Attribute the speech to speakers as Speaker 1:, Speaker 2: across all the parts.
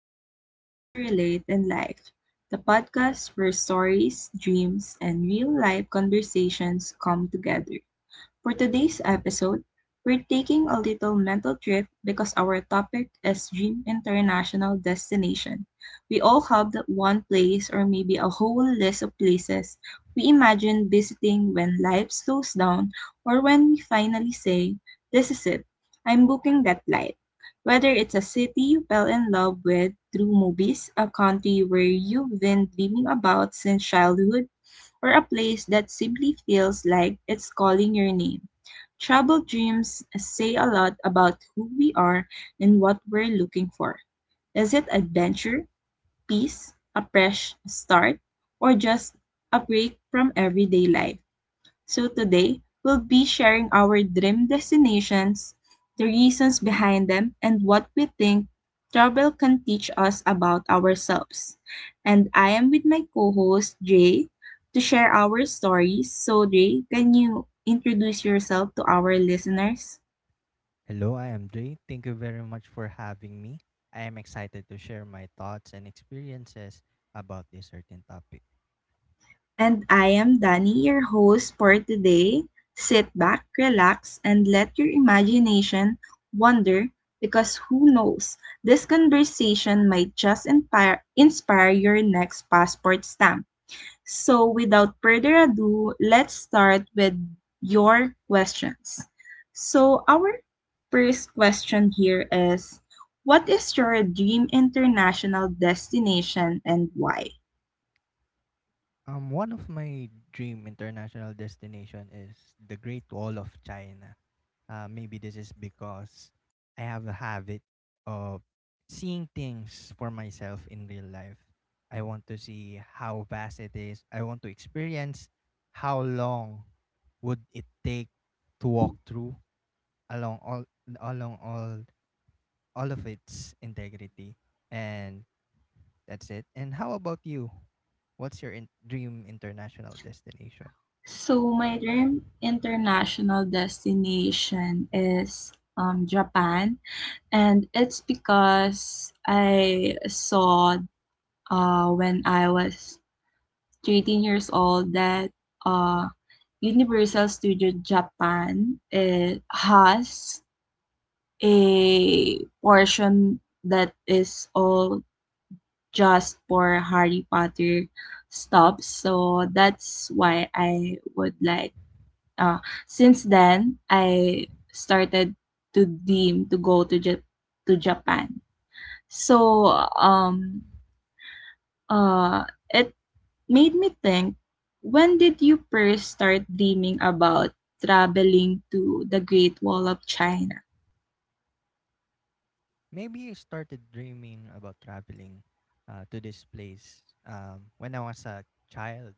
Speaker 1: back to Aid to Relate and Life, the podcast where stories, dreams, and real life conversations come together. For today's episode, we're taking a little mental trip because our topic is dream international destination. We all have that one place or maybe a whole list of places we imagine visiting when life slows down or when we finally say, "This is it, I'm booking that flight." Whether it's a city you fell in love with through movies, a country where you've been dreaming about since childhood, or a place that simply feels like it's calling your name. Troubled dreams say a lot about who we are and what we're looking for. Is it adventure, peace, a fresh start, or just a break from everyday life? So today, we'll be sharing our dream destinations, the reasons behind them, and what we think travel can teach us about ourselves. And I am with my co-host Jay to share our stories. So Jay, can you introduce yourself to our listeners?
Speaker 2: Hello, I am Jay. Thank you very much for having me. I am excited to share my thoughts and experiences about this certain topic.
Speaker 1: And I am Danny, your host for today. Sit back, relax, and let your imagination wander because who knows, this conversation might just inspire your next passport stamp. So, without further ado, let's start with your questions. So, our first question here is, what is your dream international destination and why?
Speaker 2: One of my dream international destination is the Great Wall of China. Maybe this is because I have a habit of seeing things for myself in real life. I want to see how vast it is. I want to experience how long would it take to walk through along all along all of its integrity and that's it. And how about you? What's your dream international destination?
Speaker 1: So my dream international destination is Japan, and it's because I saw when I was 13 years old that uh, Universal Studio Japan it has a portion that is all just for Harry Potter stops. So that's why I would like, uh, since then, I started to dream to go to Jap- to Japan. So um it made me think, when did you first start dreaming about traveling to the Great Wall of China?
Speaker 2: Maybe you started dreaming about traveling to this place when I was a child.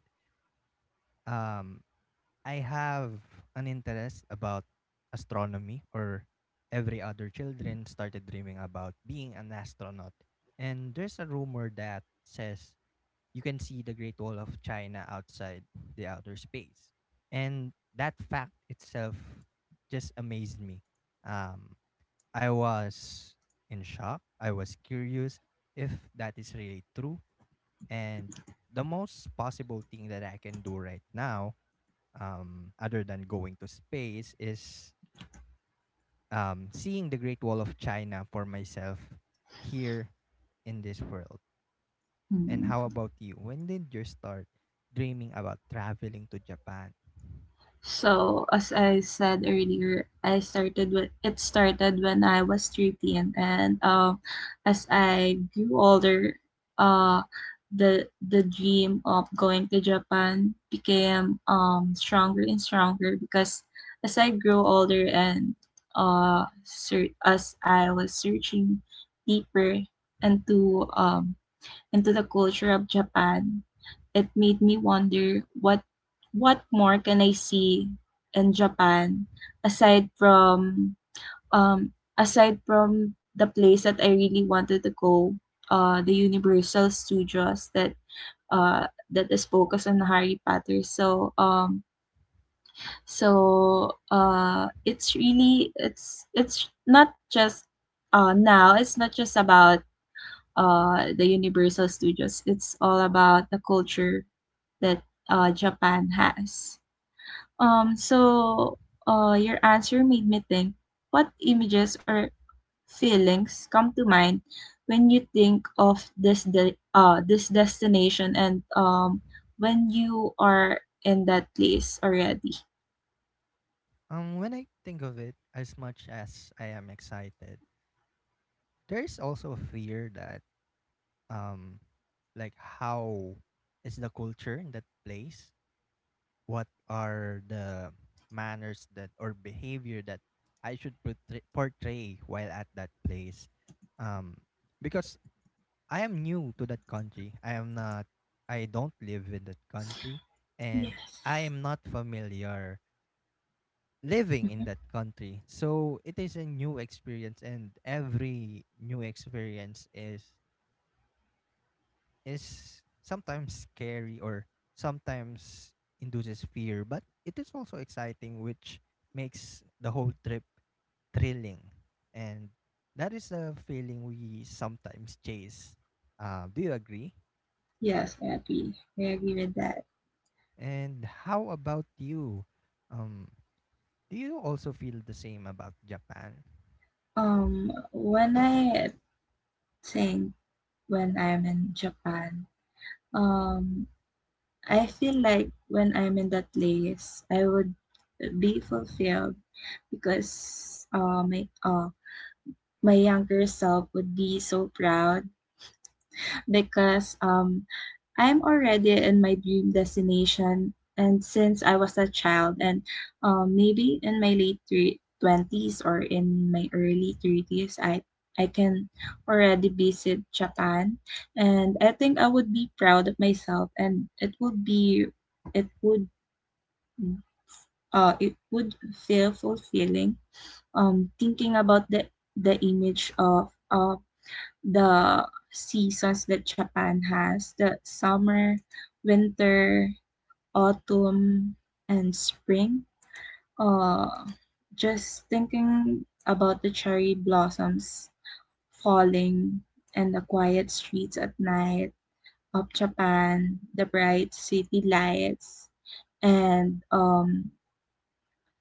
Speaker 2: um, I have an interest about astronomy, or every other children started dreaming about being an astronaut, and there's a rumor that says you can see the Great Wall of China outside the outer space. And that fact itself just amazed me. Um, I was in shock. I was curious if that is really true. And the most possible thing that I can do right now, other than going to space, is seeing the Great Wall of China for myself here in this world. And
Speaker 1: Hmm.
Speaker 2: how about you? When did you start dreaming about traveling to Japan?
Speaker 1: So, as I said earlier, I started with it started when I was 13, and as I grew older, uh the dream of going to Japan became stronger and stronger, because as I grew older and as I was searching deeper into um into the culture of Japan, it made me wonder what more can I see in Japan, aside from aside from the place that I really wanted to go, the Universal Studios that that is focused on Harry Potter. So so it's really it's not just now it's not just about the Universal Studios. It's all about the culture that Japan has. Um, so your answer made me think, what images or feelings come to mind when you think of this destination, and when you are in that place already.
Speaker 2: When I think of it, as much as I am excited, there's also a fear that um, like how is the culture in that place? What are the manners that or behavior that I should portray while at that place? Um, because I am new to that country. I am not I don't live in that country, and I
Speaker 1: Yes.
Speaker 2: am not familiar living in
Speaker 1: Mhm.
Speaker 2: that country. So it is a new experience, and every new experience is sometimes scary or sometimes induces fear, but it is also exciting, which makes the whole trip thrilling. And that is the feeling we sometimes chase. Do you agree?
Speaker 1: Yes, I agree. I agree with that.
Speaker 2: And how about you? Um, do you also feel the same about Japan?
Speaker 1: Um, when I think when I'm in Japan, Um, I feel like when I'm in that place, I would be fulfilled, because my younger self would be so proud, because I'm already in my dream destination, and since I was a child, and maybe in my late 20s or in my early 30s, I can already visit Japan, and I think I would be proud of myself, and it would be it would it would feel fulfilling, thinking about the image of the seasons that Japan has, the summer, winter, autumn, and spring. Uh, just thinking about the cherry blossoms falling and the quiet streets at night of Japan, the bright city lights, and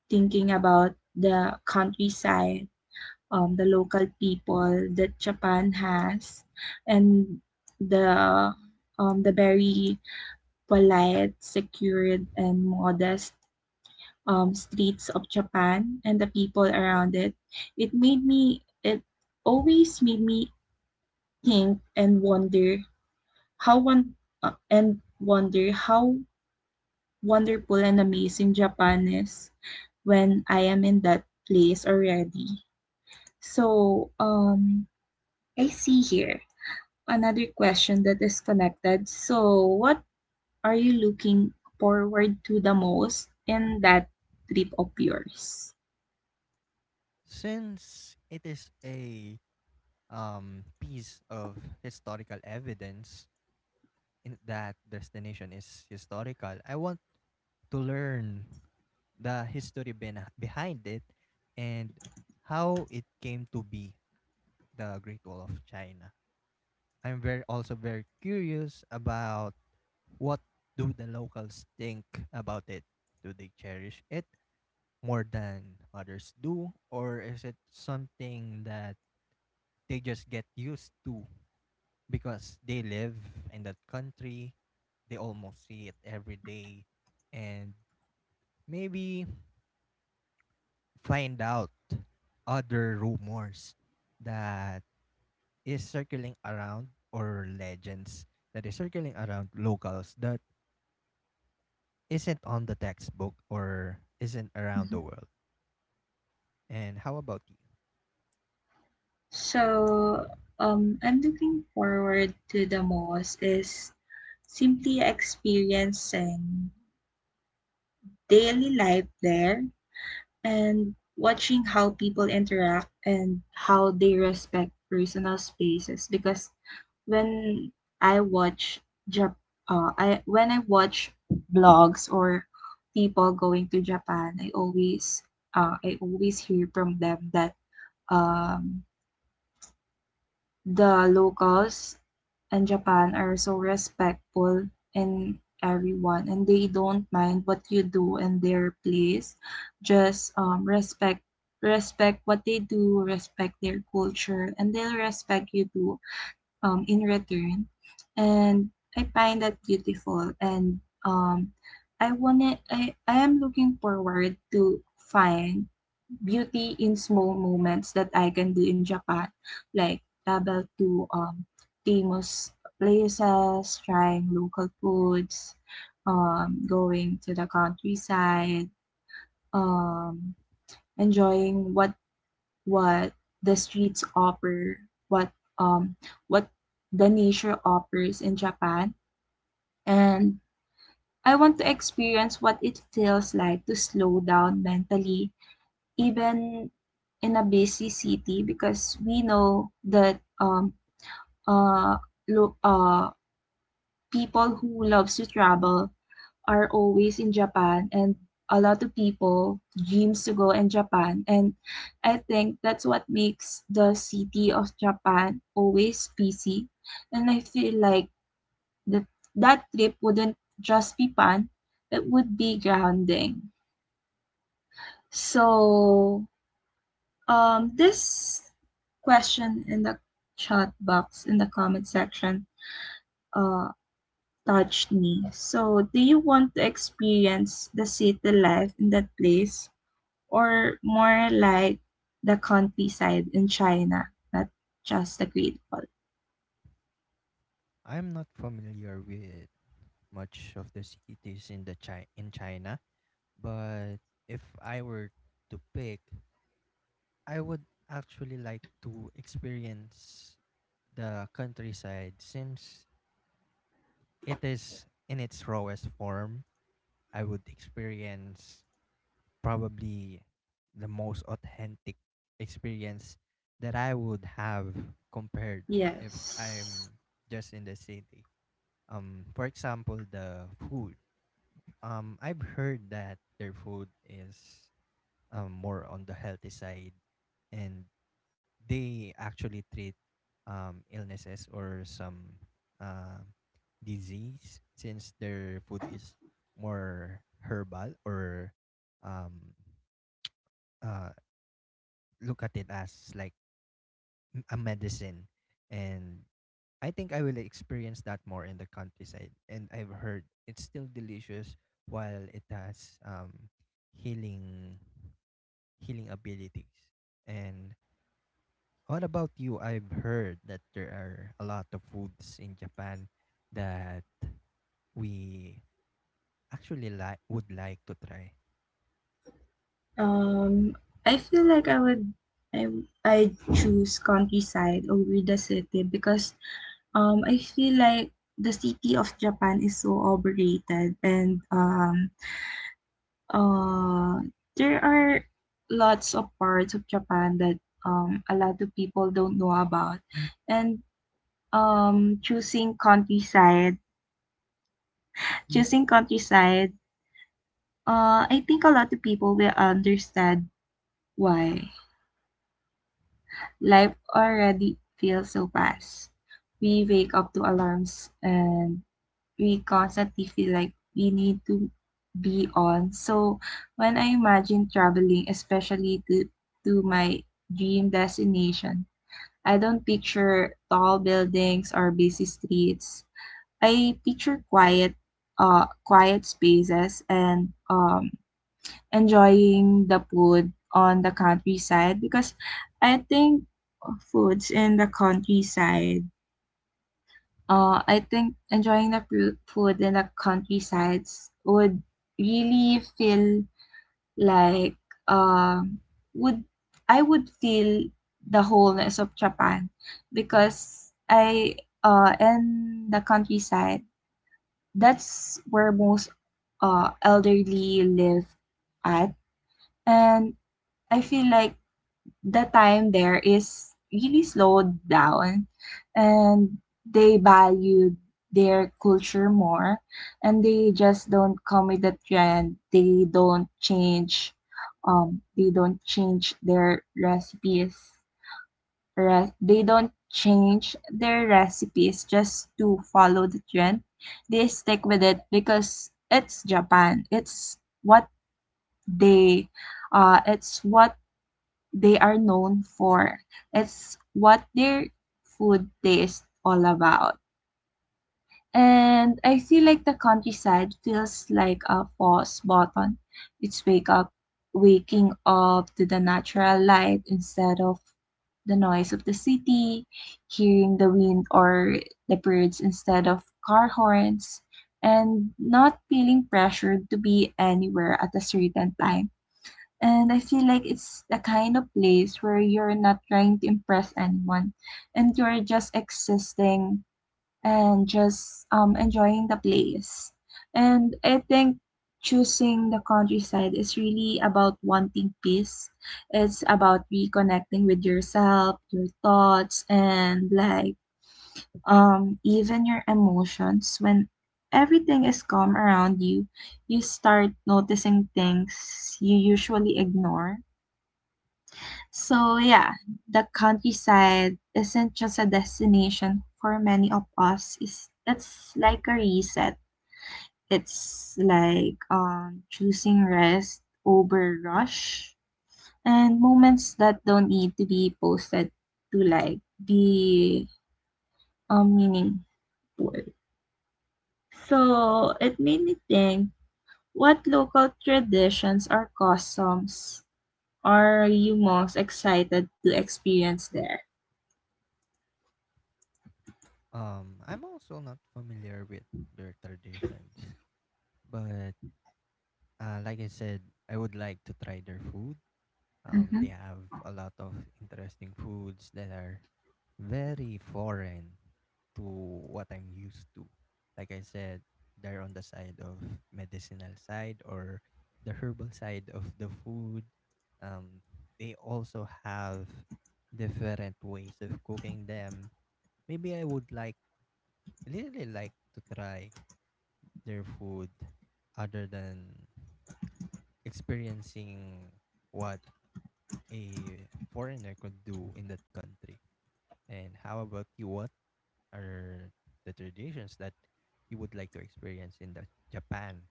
Speaker 1: thinking about the countryside, the local people that Japan has, and the the very polite, secured, and modest streets of Japan and the people around it. It made me. It always made me think and wonder how one and wonder how wonderful and amazing Japan is when I am in that place already. So I see here another question that is connected. So, what are you looking forward to the most in that trip of yours?
Speaker 2: Since it is a piece of historical evidence in that destination is historical, I want to learn the history bena behind it and how it came to be the Great Wall of China. I'm very also very curious about, what do the locals think about it? Do they cherish it more than others do? Or is it something that they just get used to because they live in that country? They almost see it every day and maybe find out other rumors that is circling around, or legends that is circling around locals that isn't on the textbook or isn't around
Speaker 1: Mhm.
Speaker 2: the world. And how about you?
Speaker 1: So, I'm looking forward to the most is simply experiencing daily life there, and watching how people interact and how they respect personal spaces, because when I watch Jap I when I watch blogs or people going to Japan, I always hear from them that um the locals in Japan are so respectful in everyone and they don't mind what you do in their place. Just respect what they do, respect their culture, and they'll respect you too, in return. And I find that beautiful, and um, I want it, I am looking forward to find beauty in small moments that I can do in Japan, like travel to famous places, trying local foods, going to the countryside, um, enjoying what the streets offer, what um, what the nature offers in Japan, and I want to experience what it feels like to slow down mentally, even in a busy city, because we know that uh, lo- uh people who loves to travel are always in Japan, and a lot of people dreams to go in Japan, and I think that's what makes the city of Japan always busy, and I feel like that that trip wouldn't just be fun, it would be grounding. So this question in the chat box in the comment section uh, touched me. So, do you want to experience the city life in that place, or more like the countryside in China, not just the Great Wall?
Speaker 2: I'm not familiar with much of the cities in the in China, but if I were to pick, I would actually like to experience the countryside since it is in its rawest form. I would experience probably the most authentic experience that I would have compared if
Speaker 1: Yes.
Speaker 2: I'm just in the city. For example, the food, I've heard that their food is more on the healthy side, and they actually treat illnesses or some uh disease, since their food is more herbal or um uh look at it as like a medicine. And I think I will experience that more in the countryside. And I've heard it's still delicious while it has healing healing abilities. And what about you? I've heard that there are a lot of foods in Japan that we actually like would like to try.
Speaker 1: Um, I feel like I would I I choose countryside over the city, because I feel like the city of Japan is so overrated, and uh, there are lots of parts of Japan that a lot of people don't know about, and um, choosing countryside, choosing countryside. I think a lot of people will understand why life already feels so fast. We wake up to alarms and we constantly feel like we need to be on. So when I imagine traveling, especially to my dream destination, I don't picture tall buildings or busy streets. I picture quiet spaces and enjoying the food on the countryside, because I think foods in the countryside I think enjoying the food in the countryside would really feel like um would I would feel the wholeness of Japan, because I in the countryside, that's where most elderly live at, and I feel like the time there is really slowed down, and they value their culture more, and they just don't come with the trend, they don't change, um they don't change their recipes they don't change their recipes just to follow the trend. They stick with it because it's Japan, they it's what they are known for. It's what their food tastes all about. And I feel like the countryside feels like a pause button. It's wake up Waking up to the natural light instead of the noise of the city, hearing the wind or the birds instead of car horns, and not feeling pressured to be anywhere at a certain time. And I feel like it's the kind of place where you're not trying to impress anyone, and you're just existing, and just enjoying the place. And I think choosing the countryside is really about wanting peace. It's about reconnecting with yourself, your thoughts, and like, even your emotions. When everything is calm around you, you start noticing things you usually ignore. So, yeah, the countryside isn't just a destination for many of us. It's like a reset. It's like, choosing rest over rush, and moments that don't need to be posted to like be, meaningful. So, it made me think, what local traditions or customs are you most excited to experience there?
Speaker 2: I'm also not familiar with their traditions, but like I said, I would like to try their food.
Speaker 1: Mm-hmm.
Speaker 2: They have a lot of interesting foods that are very foreign to what I'm used to. Like I said, they're on the side of medicinal side or the herbal side of the food. Um, they also have different ways of cooking them. Maybe I would like really like to try their food other than experiencing what a foreigner could do in that country. And how about you? What are the traditions that you would like to experience in the Japan?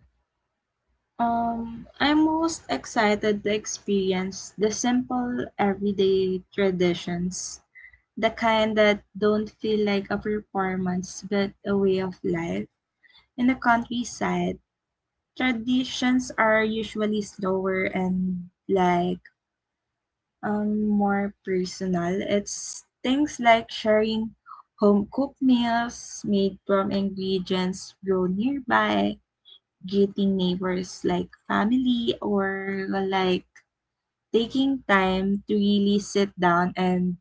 Speaker 1: I'm most excited to experience the simple everyday traditions, the kind that don't feel like a performance but a way of life. In the countryside, traditions are usually slower and like, more personal. It's things like sharing home cooked meals made from ingredients grown nearby, greeting neighbors like family, or like taking time to really sit down and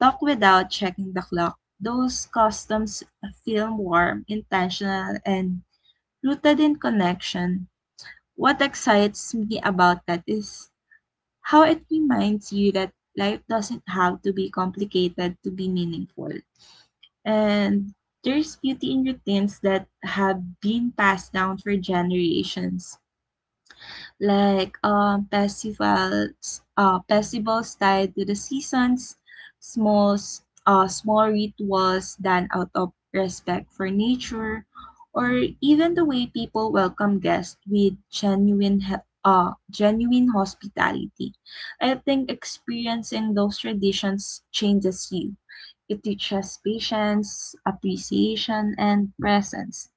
Speaker 1: talk without checking the clock. Those customs feel warm, intentional, and rooted in connection. What excites me about that is how it reminds you that life doesn't have to be complicated to be meaningful. And there's beauty in routines that have been passed down for generations, like festivals tied to the seasons, small rituals done out of respect for nature, or even the way people welcome guests with genuine hospitality. I think experiencing those traditions changes you. It teaches patience, appreciation, and presence.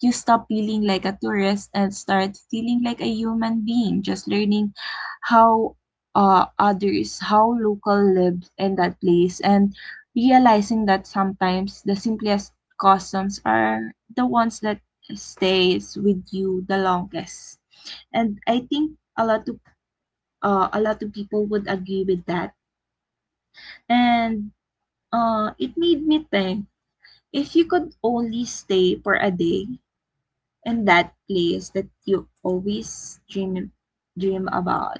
Speaker 1: You stop feeling like a tourist and start feeling like a human being, just learning how how local live in that place, and realizing that sometimes the simplest customs are the ones that stays with you the longest. And I think a lot of people would agree with that. And it made me think, if you could only stay for a day, in that place that you always dream about?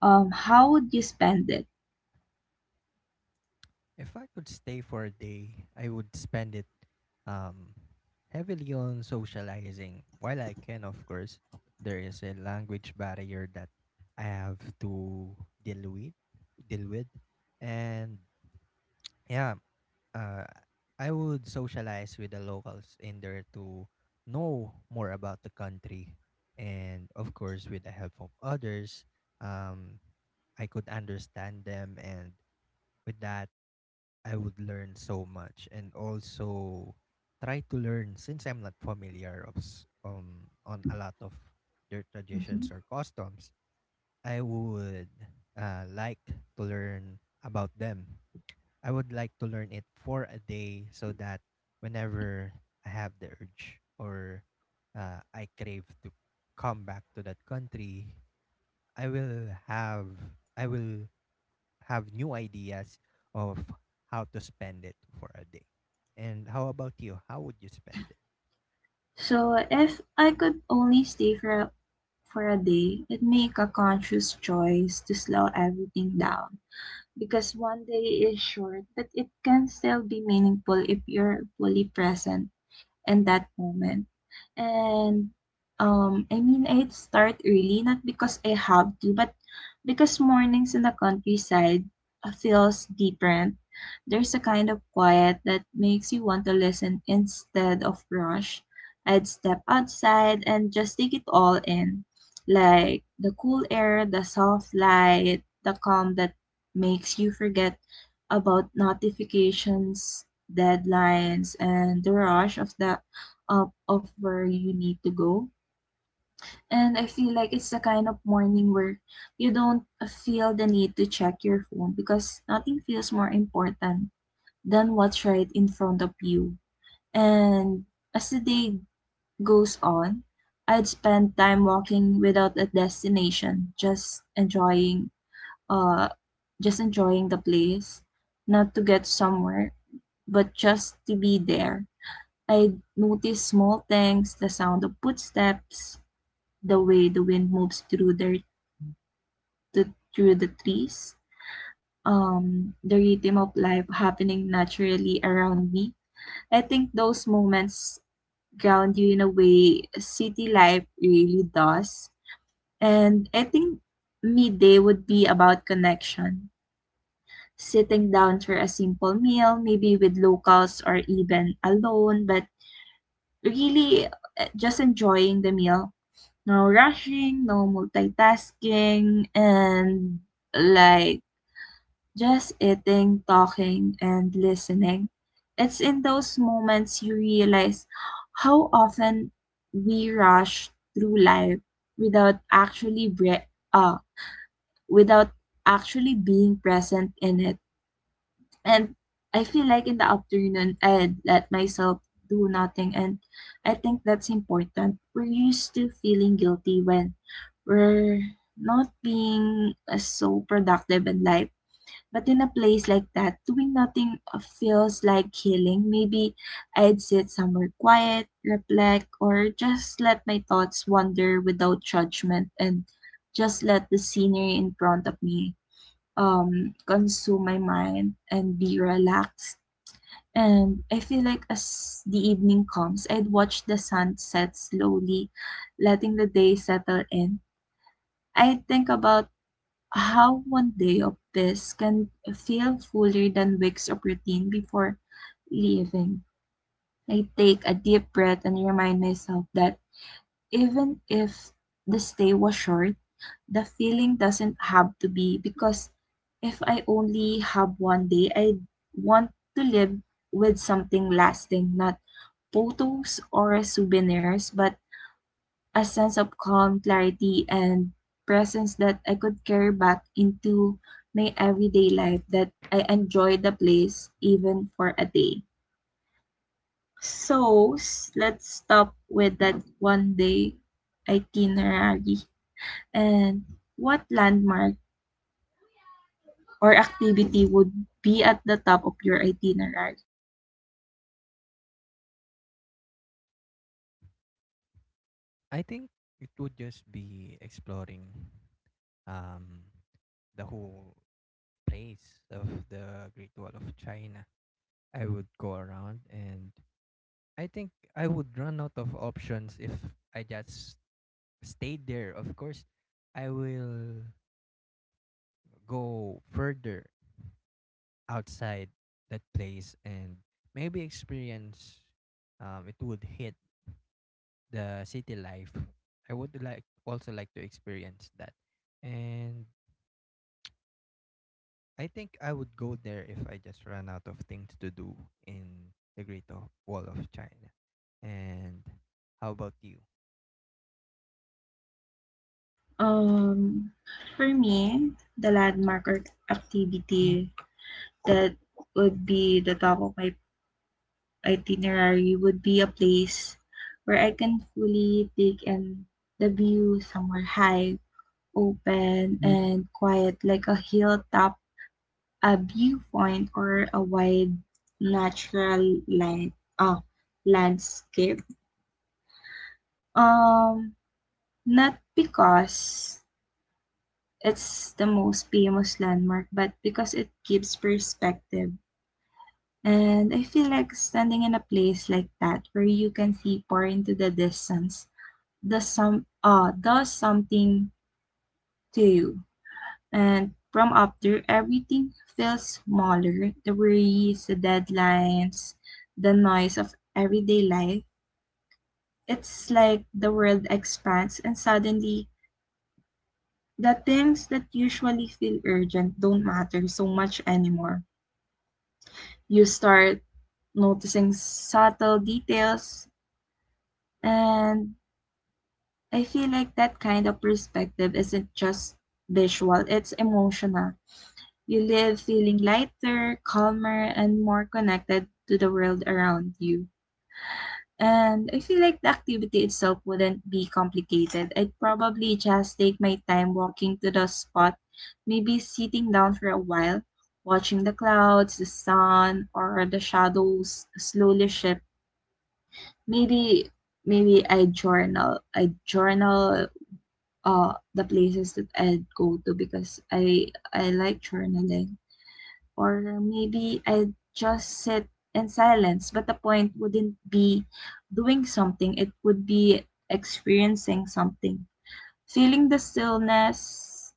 Speaker 1: How would you spend it?
Speaker 2: If I could stay for a day, I would spend it um, heavily on socializing. While I can, of course, there is a language barrier that I have to deal with. Deal with, and yeah, uh, I would socialize with the locals in there to know more about the country, and of course, with the help of others, um, I could understand them, and with that, I would learn so much, and also try to learn since I'm not familiar of on a lot of their
Speaker 1: Mhm.
Speaker 2: traditions or customs. I would like to learn about them. I would like to learn it for a day so that whenever I have the urge, or I crave to come back to that country, I will have I will have new ideas of how to spend it for a day. And how about you? How would you spend it?
Speaker 1: So if I could only stay for a day, I'd make a conscious choice to slow everything down, because one day is short, but it can still be meaningful if you're fully present in that moment. And I mean, I start early, not because I have to, but because mornings in the countryside feels different. There's a kind of quiet that makes you want to listen instead of rush. I'd step outside and just take it all in, like the cool air, the soft light, the calm that makes you forget about notifications, deadlines, and the rush of the up of where you need to go. And I feel like it's the kind of morning where you don't feel the need to check your phone because nothing feels more important than what's right in front of you. And as the day goes on, I'd spend time walking without a destination, just uh enjoying the place, not to get somewhere, but just to be there. I notice small things, the sound of footsteps, the way the wind moves through through the trees, the rhythm of life happening naturally around me. I think those moments ground you in a way city life really does. And I think midday would be about connection. Sitting down for a simple meal, maybe with locals or even alone, but really just enjoying the meal, no rushing, no multitasking, and like just eating, talking, and listening. It's in those moments you realize how often we rush through life without uh, without actually being present in it. And I feel like in the afternoon, I let myself do nothing. And I think that's important. We're used to feeling guilty when we're not being so productive in life. But in a place like that, doing nothing feels like healing. Maybe I'd sit somewhere quiet, reflect, or just let my thoughts wander without judgment, and just let the scenery in front of me consume my mind and be relaxed. And I feel like as the evening comes, I'd watch the sun set slowly, letting the day settle in. I think about how one day of this can feel fuller than weeks of routine. Before leaving, I take a deep breath and remind myself that even if the stay was short, the feeling doesn't have to be, because if I only have one day, I want to live with something lasting, not photos or souvenirs, but a sense of calm, clarity, and presence that I could carry back into my everyday life, that I enjoy the place even for a day. So, let's stop with that one day itinerary, and what landmark or activity would be at the top of your itinerary?
Speaker 2: I think it would just be exploring um, the whole place of the Great Wall of China. I would go around, and I think I would run out of options if I just stayed there. Of course, I will go further outside that place and maybe experience. It would hit the city life. I would like also like to experience that, and I think I would go there if I just run out of things to do in the Great Wall of China. And how about you?
Speaker 1: Um, for me, the landmark or activity that would be the top of my itinerary would be a place where I can fully take in the view, somewhere high, open, and quiet, like a hilltop, a viewpoint, or a wide natural land, oh, landscape. Um, Not because it's the most famous landmark, but because it gives perspective. And I feel like standing in a place like that where you can see far into the distance does something to you. And from up there everything feels smaller. The worries, the deadlines, the noise of everyday life. It's like the world expands and suddenly the things that usually feel urgent don't matter so much anymore. You start noticing subtle details. And I feel like that kind of perspective isn't just visual, it's emotional. You live feeling lighter, calmer, and more connected to the world around you. And I feel like the activity itself wouldn't be complicated. I'd probably just take my time walking to the spot, maybe sitting down for a while, watching the clouds, the sun, or the shadows slowly shift. Maybe maybe I journal. I journal the places that I'd go to, because I like journaling. Or maybe I'd just sit in silence, but the point wouldn't be doing something. It would be experiencing something. Feeling the stillness,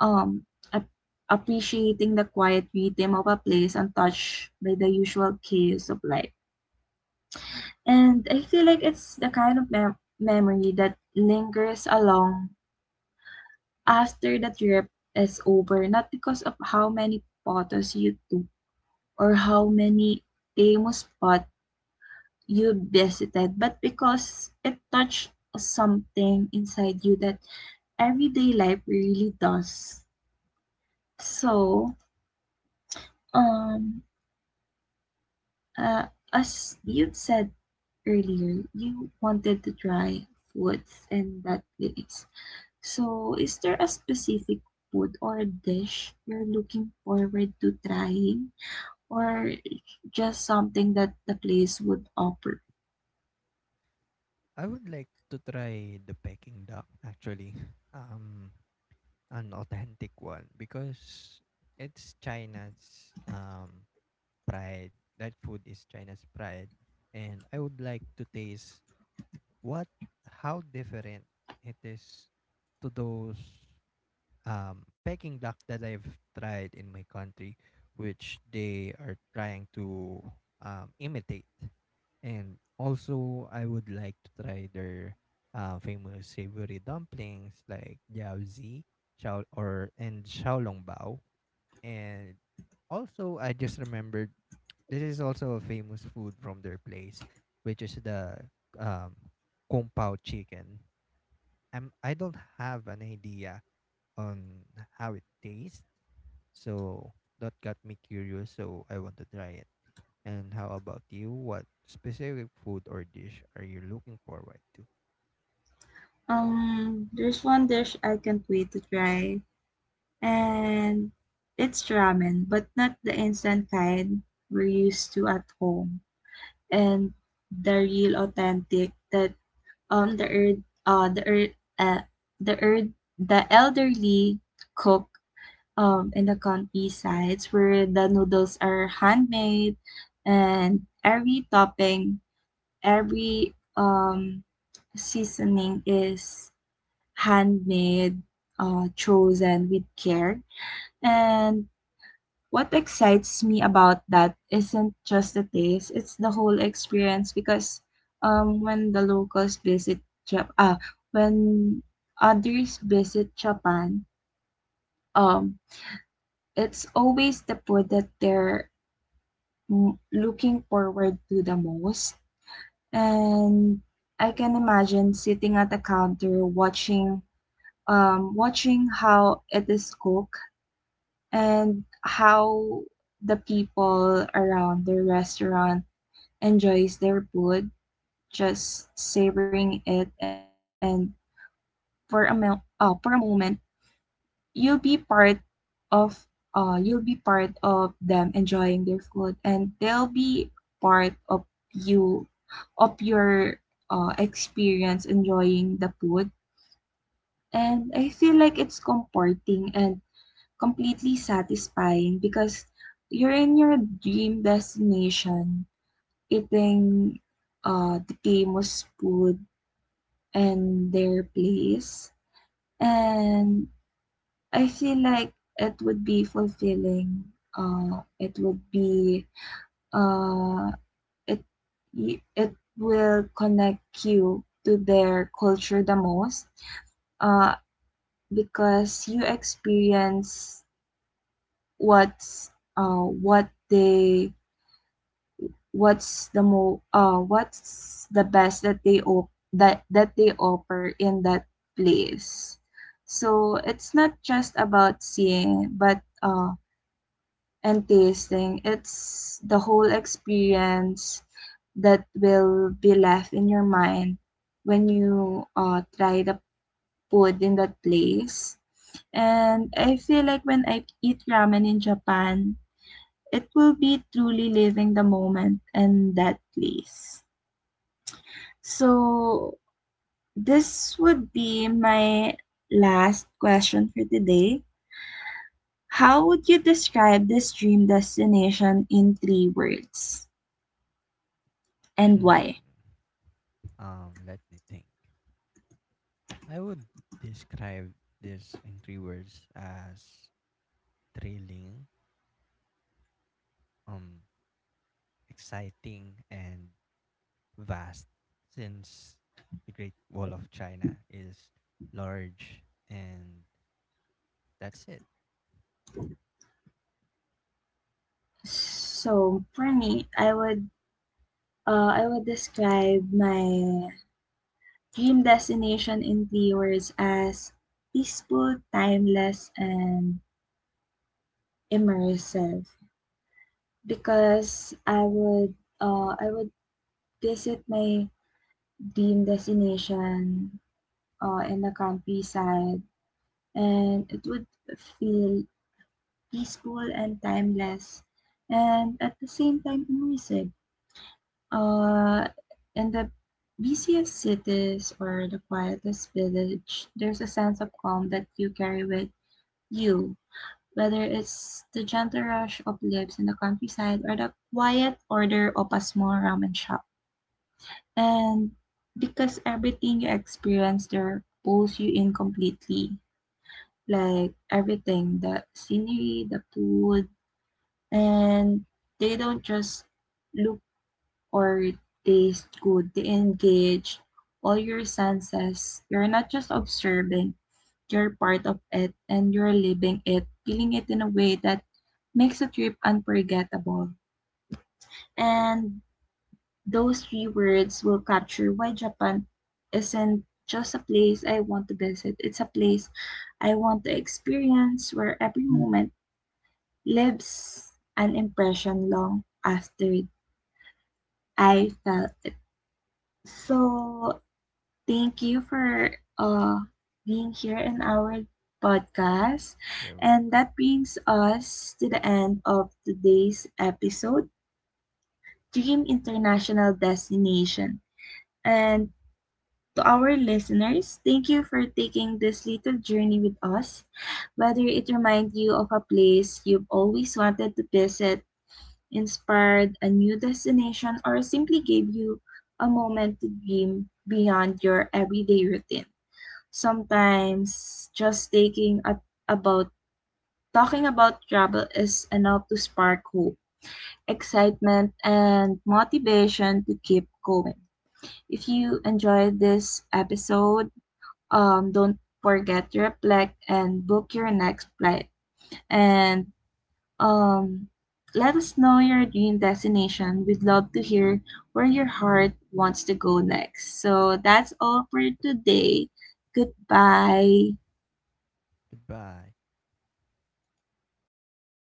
Speaker 1: um ap- appreciating the quiet rhythm of a place untouched by the usual chaos of life. And I feel like it's the kind of memory that lingers along after the trip is over, not because of how many photos you took or how many famous spots you visited, but because it touched something inside you that everyday life really does. So, um, as you said earlier, you wanted to try foods in that place. So, is there a specific food or dish you're looking forward to trying, or just something that the place would offer?
Speaker 2: I would like to try the Peking duck actually. Um, an authentic one, because it's China's pride. That food is China's pride, and I would like to taste what how different it is to those Peking duck that I've tried in my country, which they are trying to imitate. And also, I would like to try their famous savory dumplings like jiaozi, xiao or and xiaolongbao. And also, I just remembered this is also a famous food from their place, which is the um, kung pao chicken. I don't have an idea on how it tastes. So that got me curious, so I want to try it. And how about you? What specific food or dish are you looking forward to?
Speaker 1: There's one dish I can't wait to try, and it's ramen, but not the instant kind we're used to at home, and the real authentic that um the er uh the er uh, the er the elderly cook in the country, where the noodles are handmade and every topping, every seasoning is handmade, chosen with care. And what excites me about that isn't just the taste, it's the whole experience, because when the locals visit Japan, ah, when others visit Japan, um, it's always the food that they're looking forward to the most. And I can imagine sitting at the counter watching how it is cooked, and how the people around the restaurant enjoys their food, just savoring it. And for a moment you'll be part of you'll be part of them enjoying their food, and they'll be part of you your experience enjoying the food. And I feel like it's comforting and completely satisfying, because you're in your dream destination eating the famous food and their place, and I feel like it would be fulfilling. It would be uh, it it will connect you to their culture the most. Uh, because you experience what's uh what they what's the mo what's the best that that they offer in that place. So it's not just about seeing, but and tasting. It's the whole experience that will be left in your mind when you try the food in that place. And I feel like when I eat ramen in Japan, it will be truly living the moment in that place. So, this would be my last question for today. How would you describe this dream destination in three words and
Speaker 2: Hmm.
Speaker 1: why?
Speaker 2: Let me think. I would describe this in three words as thrilling, um, exciting, and vast. Since the Great Wall of China is large, and that's it.
Speaker 1: So for me, I would describe my dream destination in three words as peaceful, timeless, and immersive. Because I would visit my dream destination in the countryside, and it would feel peaceful and timeless, and at the same time immersive. Uh, in the busiest cities or the quietest village, there's a sense of calm that you carry with you, whether it's the gentle rush of lives in the countryside or the quiet order of a small ramen shop. And because everything you experience there pulls you in completely, like everything, the scenery, the food, and they don't just look or taste good. They engage all your senses. You're not just observing, you're part of it, and you're living it, feeling it in a way that makes a trip unforgettable. And those three words will capture why Japan isn't just a place I want to visit, it's a place I want to experience, where every moment lives an impression long after I felt it. So, thank you for being here in our podcast.
Speaker 2: You're
Speaker 1: And
Speaker 2: welcome.
Speaker 1: that brings us to the end of today's episode, Dream International Destination. And to our listeners, thank you for taking this little journey with us. Whether it reminds you of a place you've always wanted to visit, inspired a new destination, or simply gave you a moment to dream beyond your everyday routine. Sometimes just taking at about talking about travel is enough to spark hope, excitement, and motivation to keep going. If you enjoyed this episode, don't forget to reflect and book your next flight. And um, let us know your dream destination. We'd love to hear where your heart wants to go next. So that's all for today. Goodbye.
Speaker 2: Goodbye.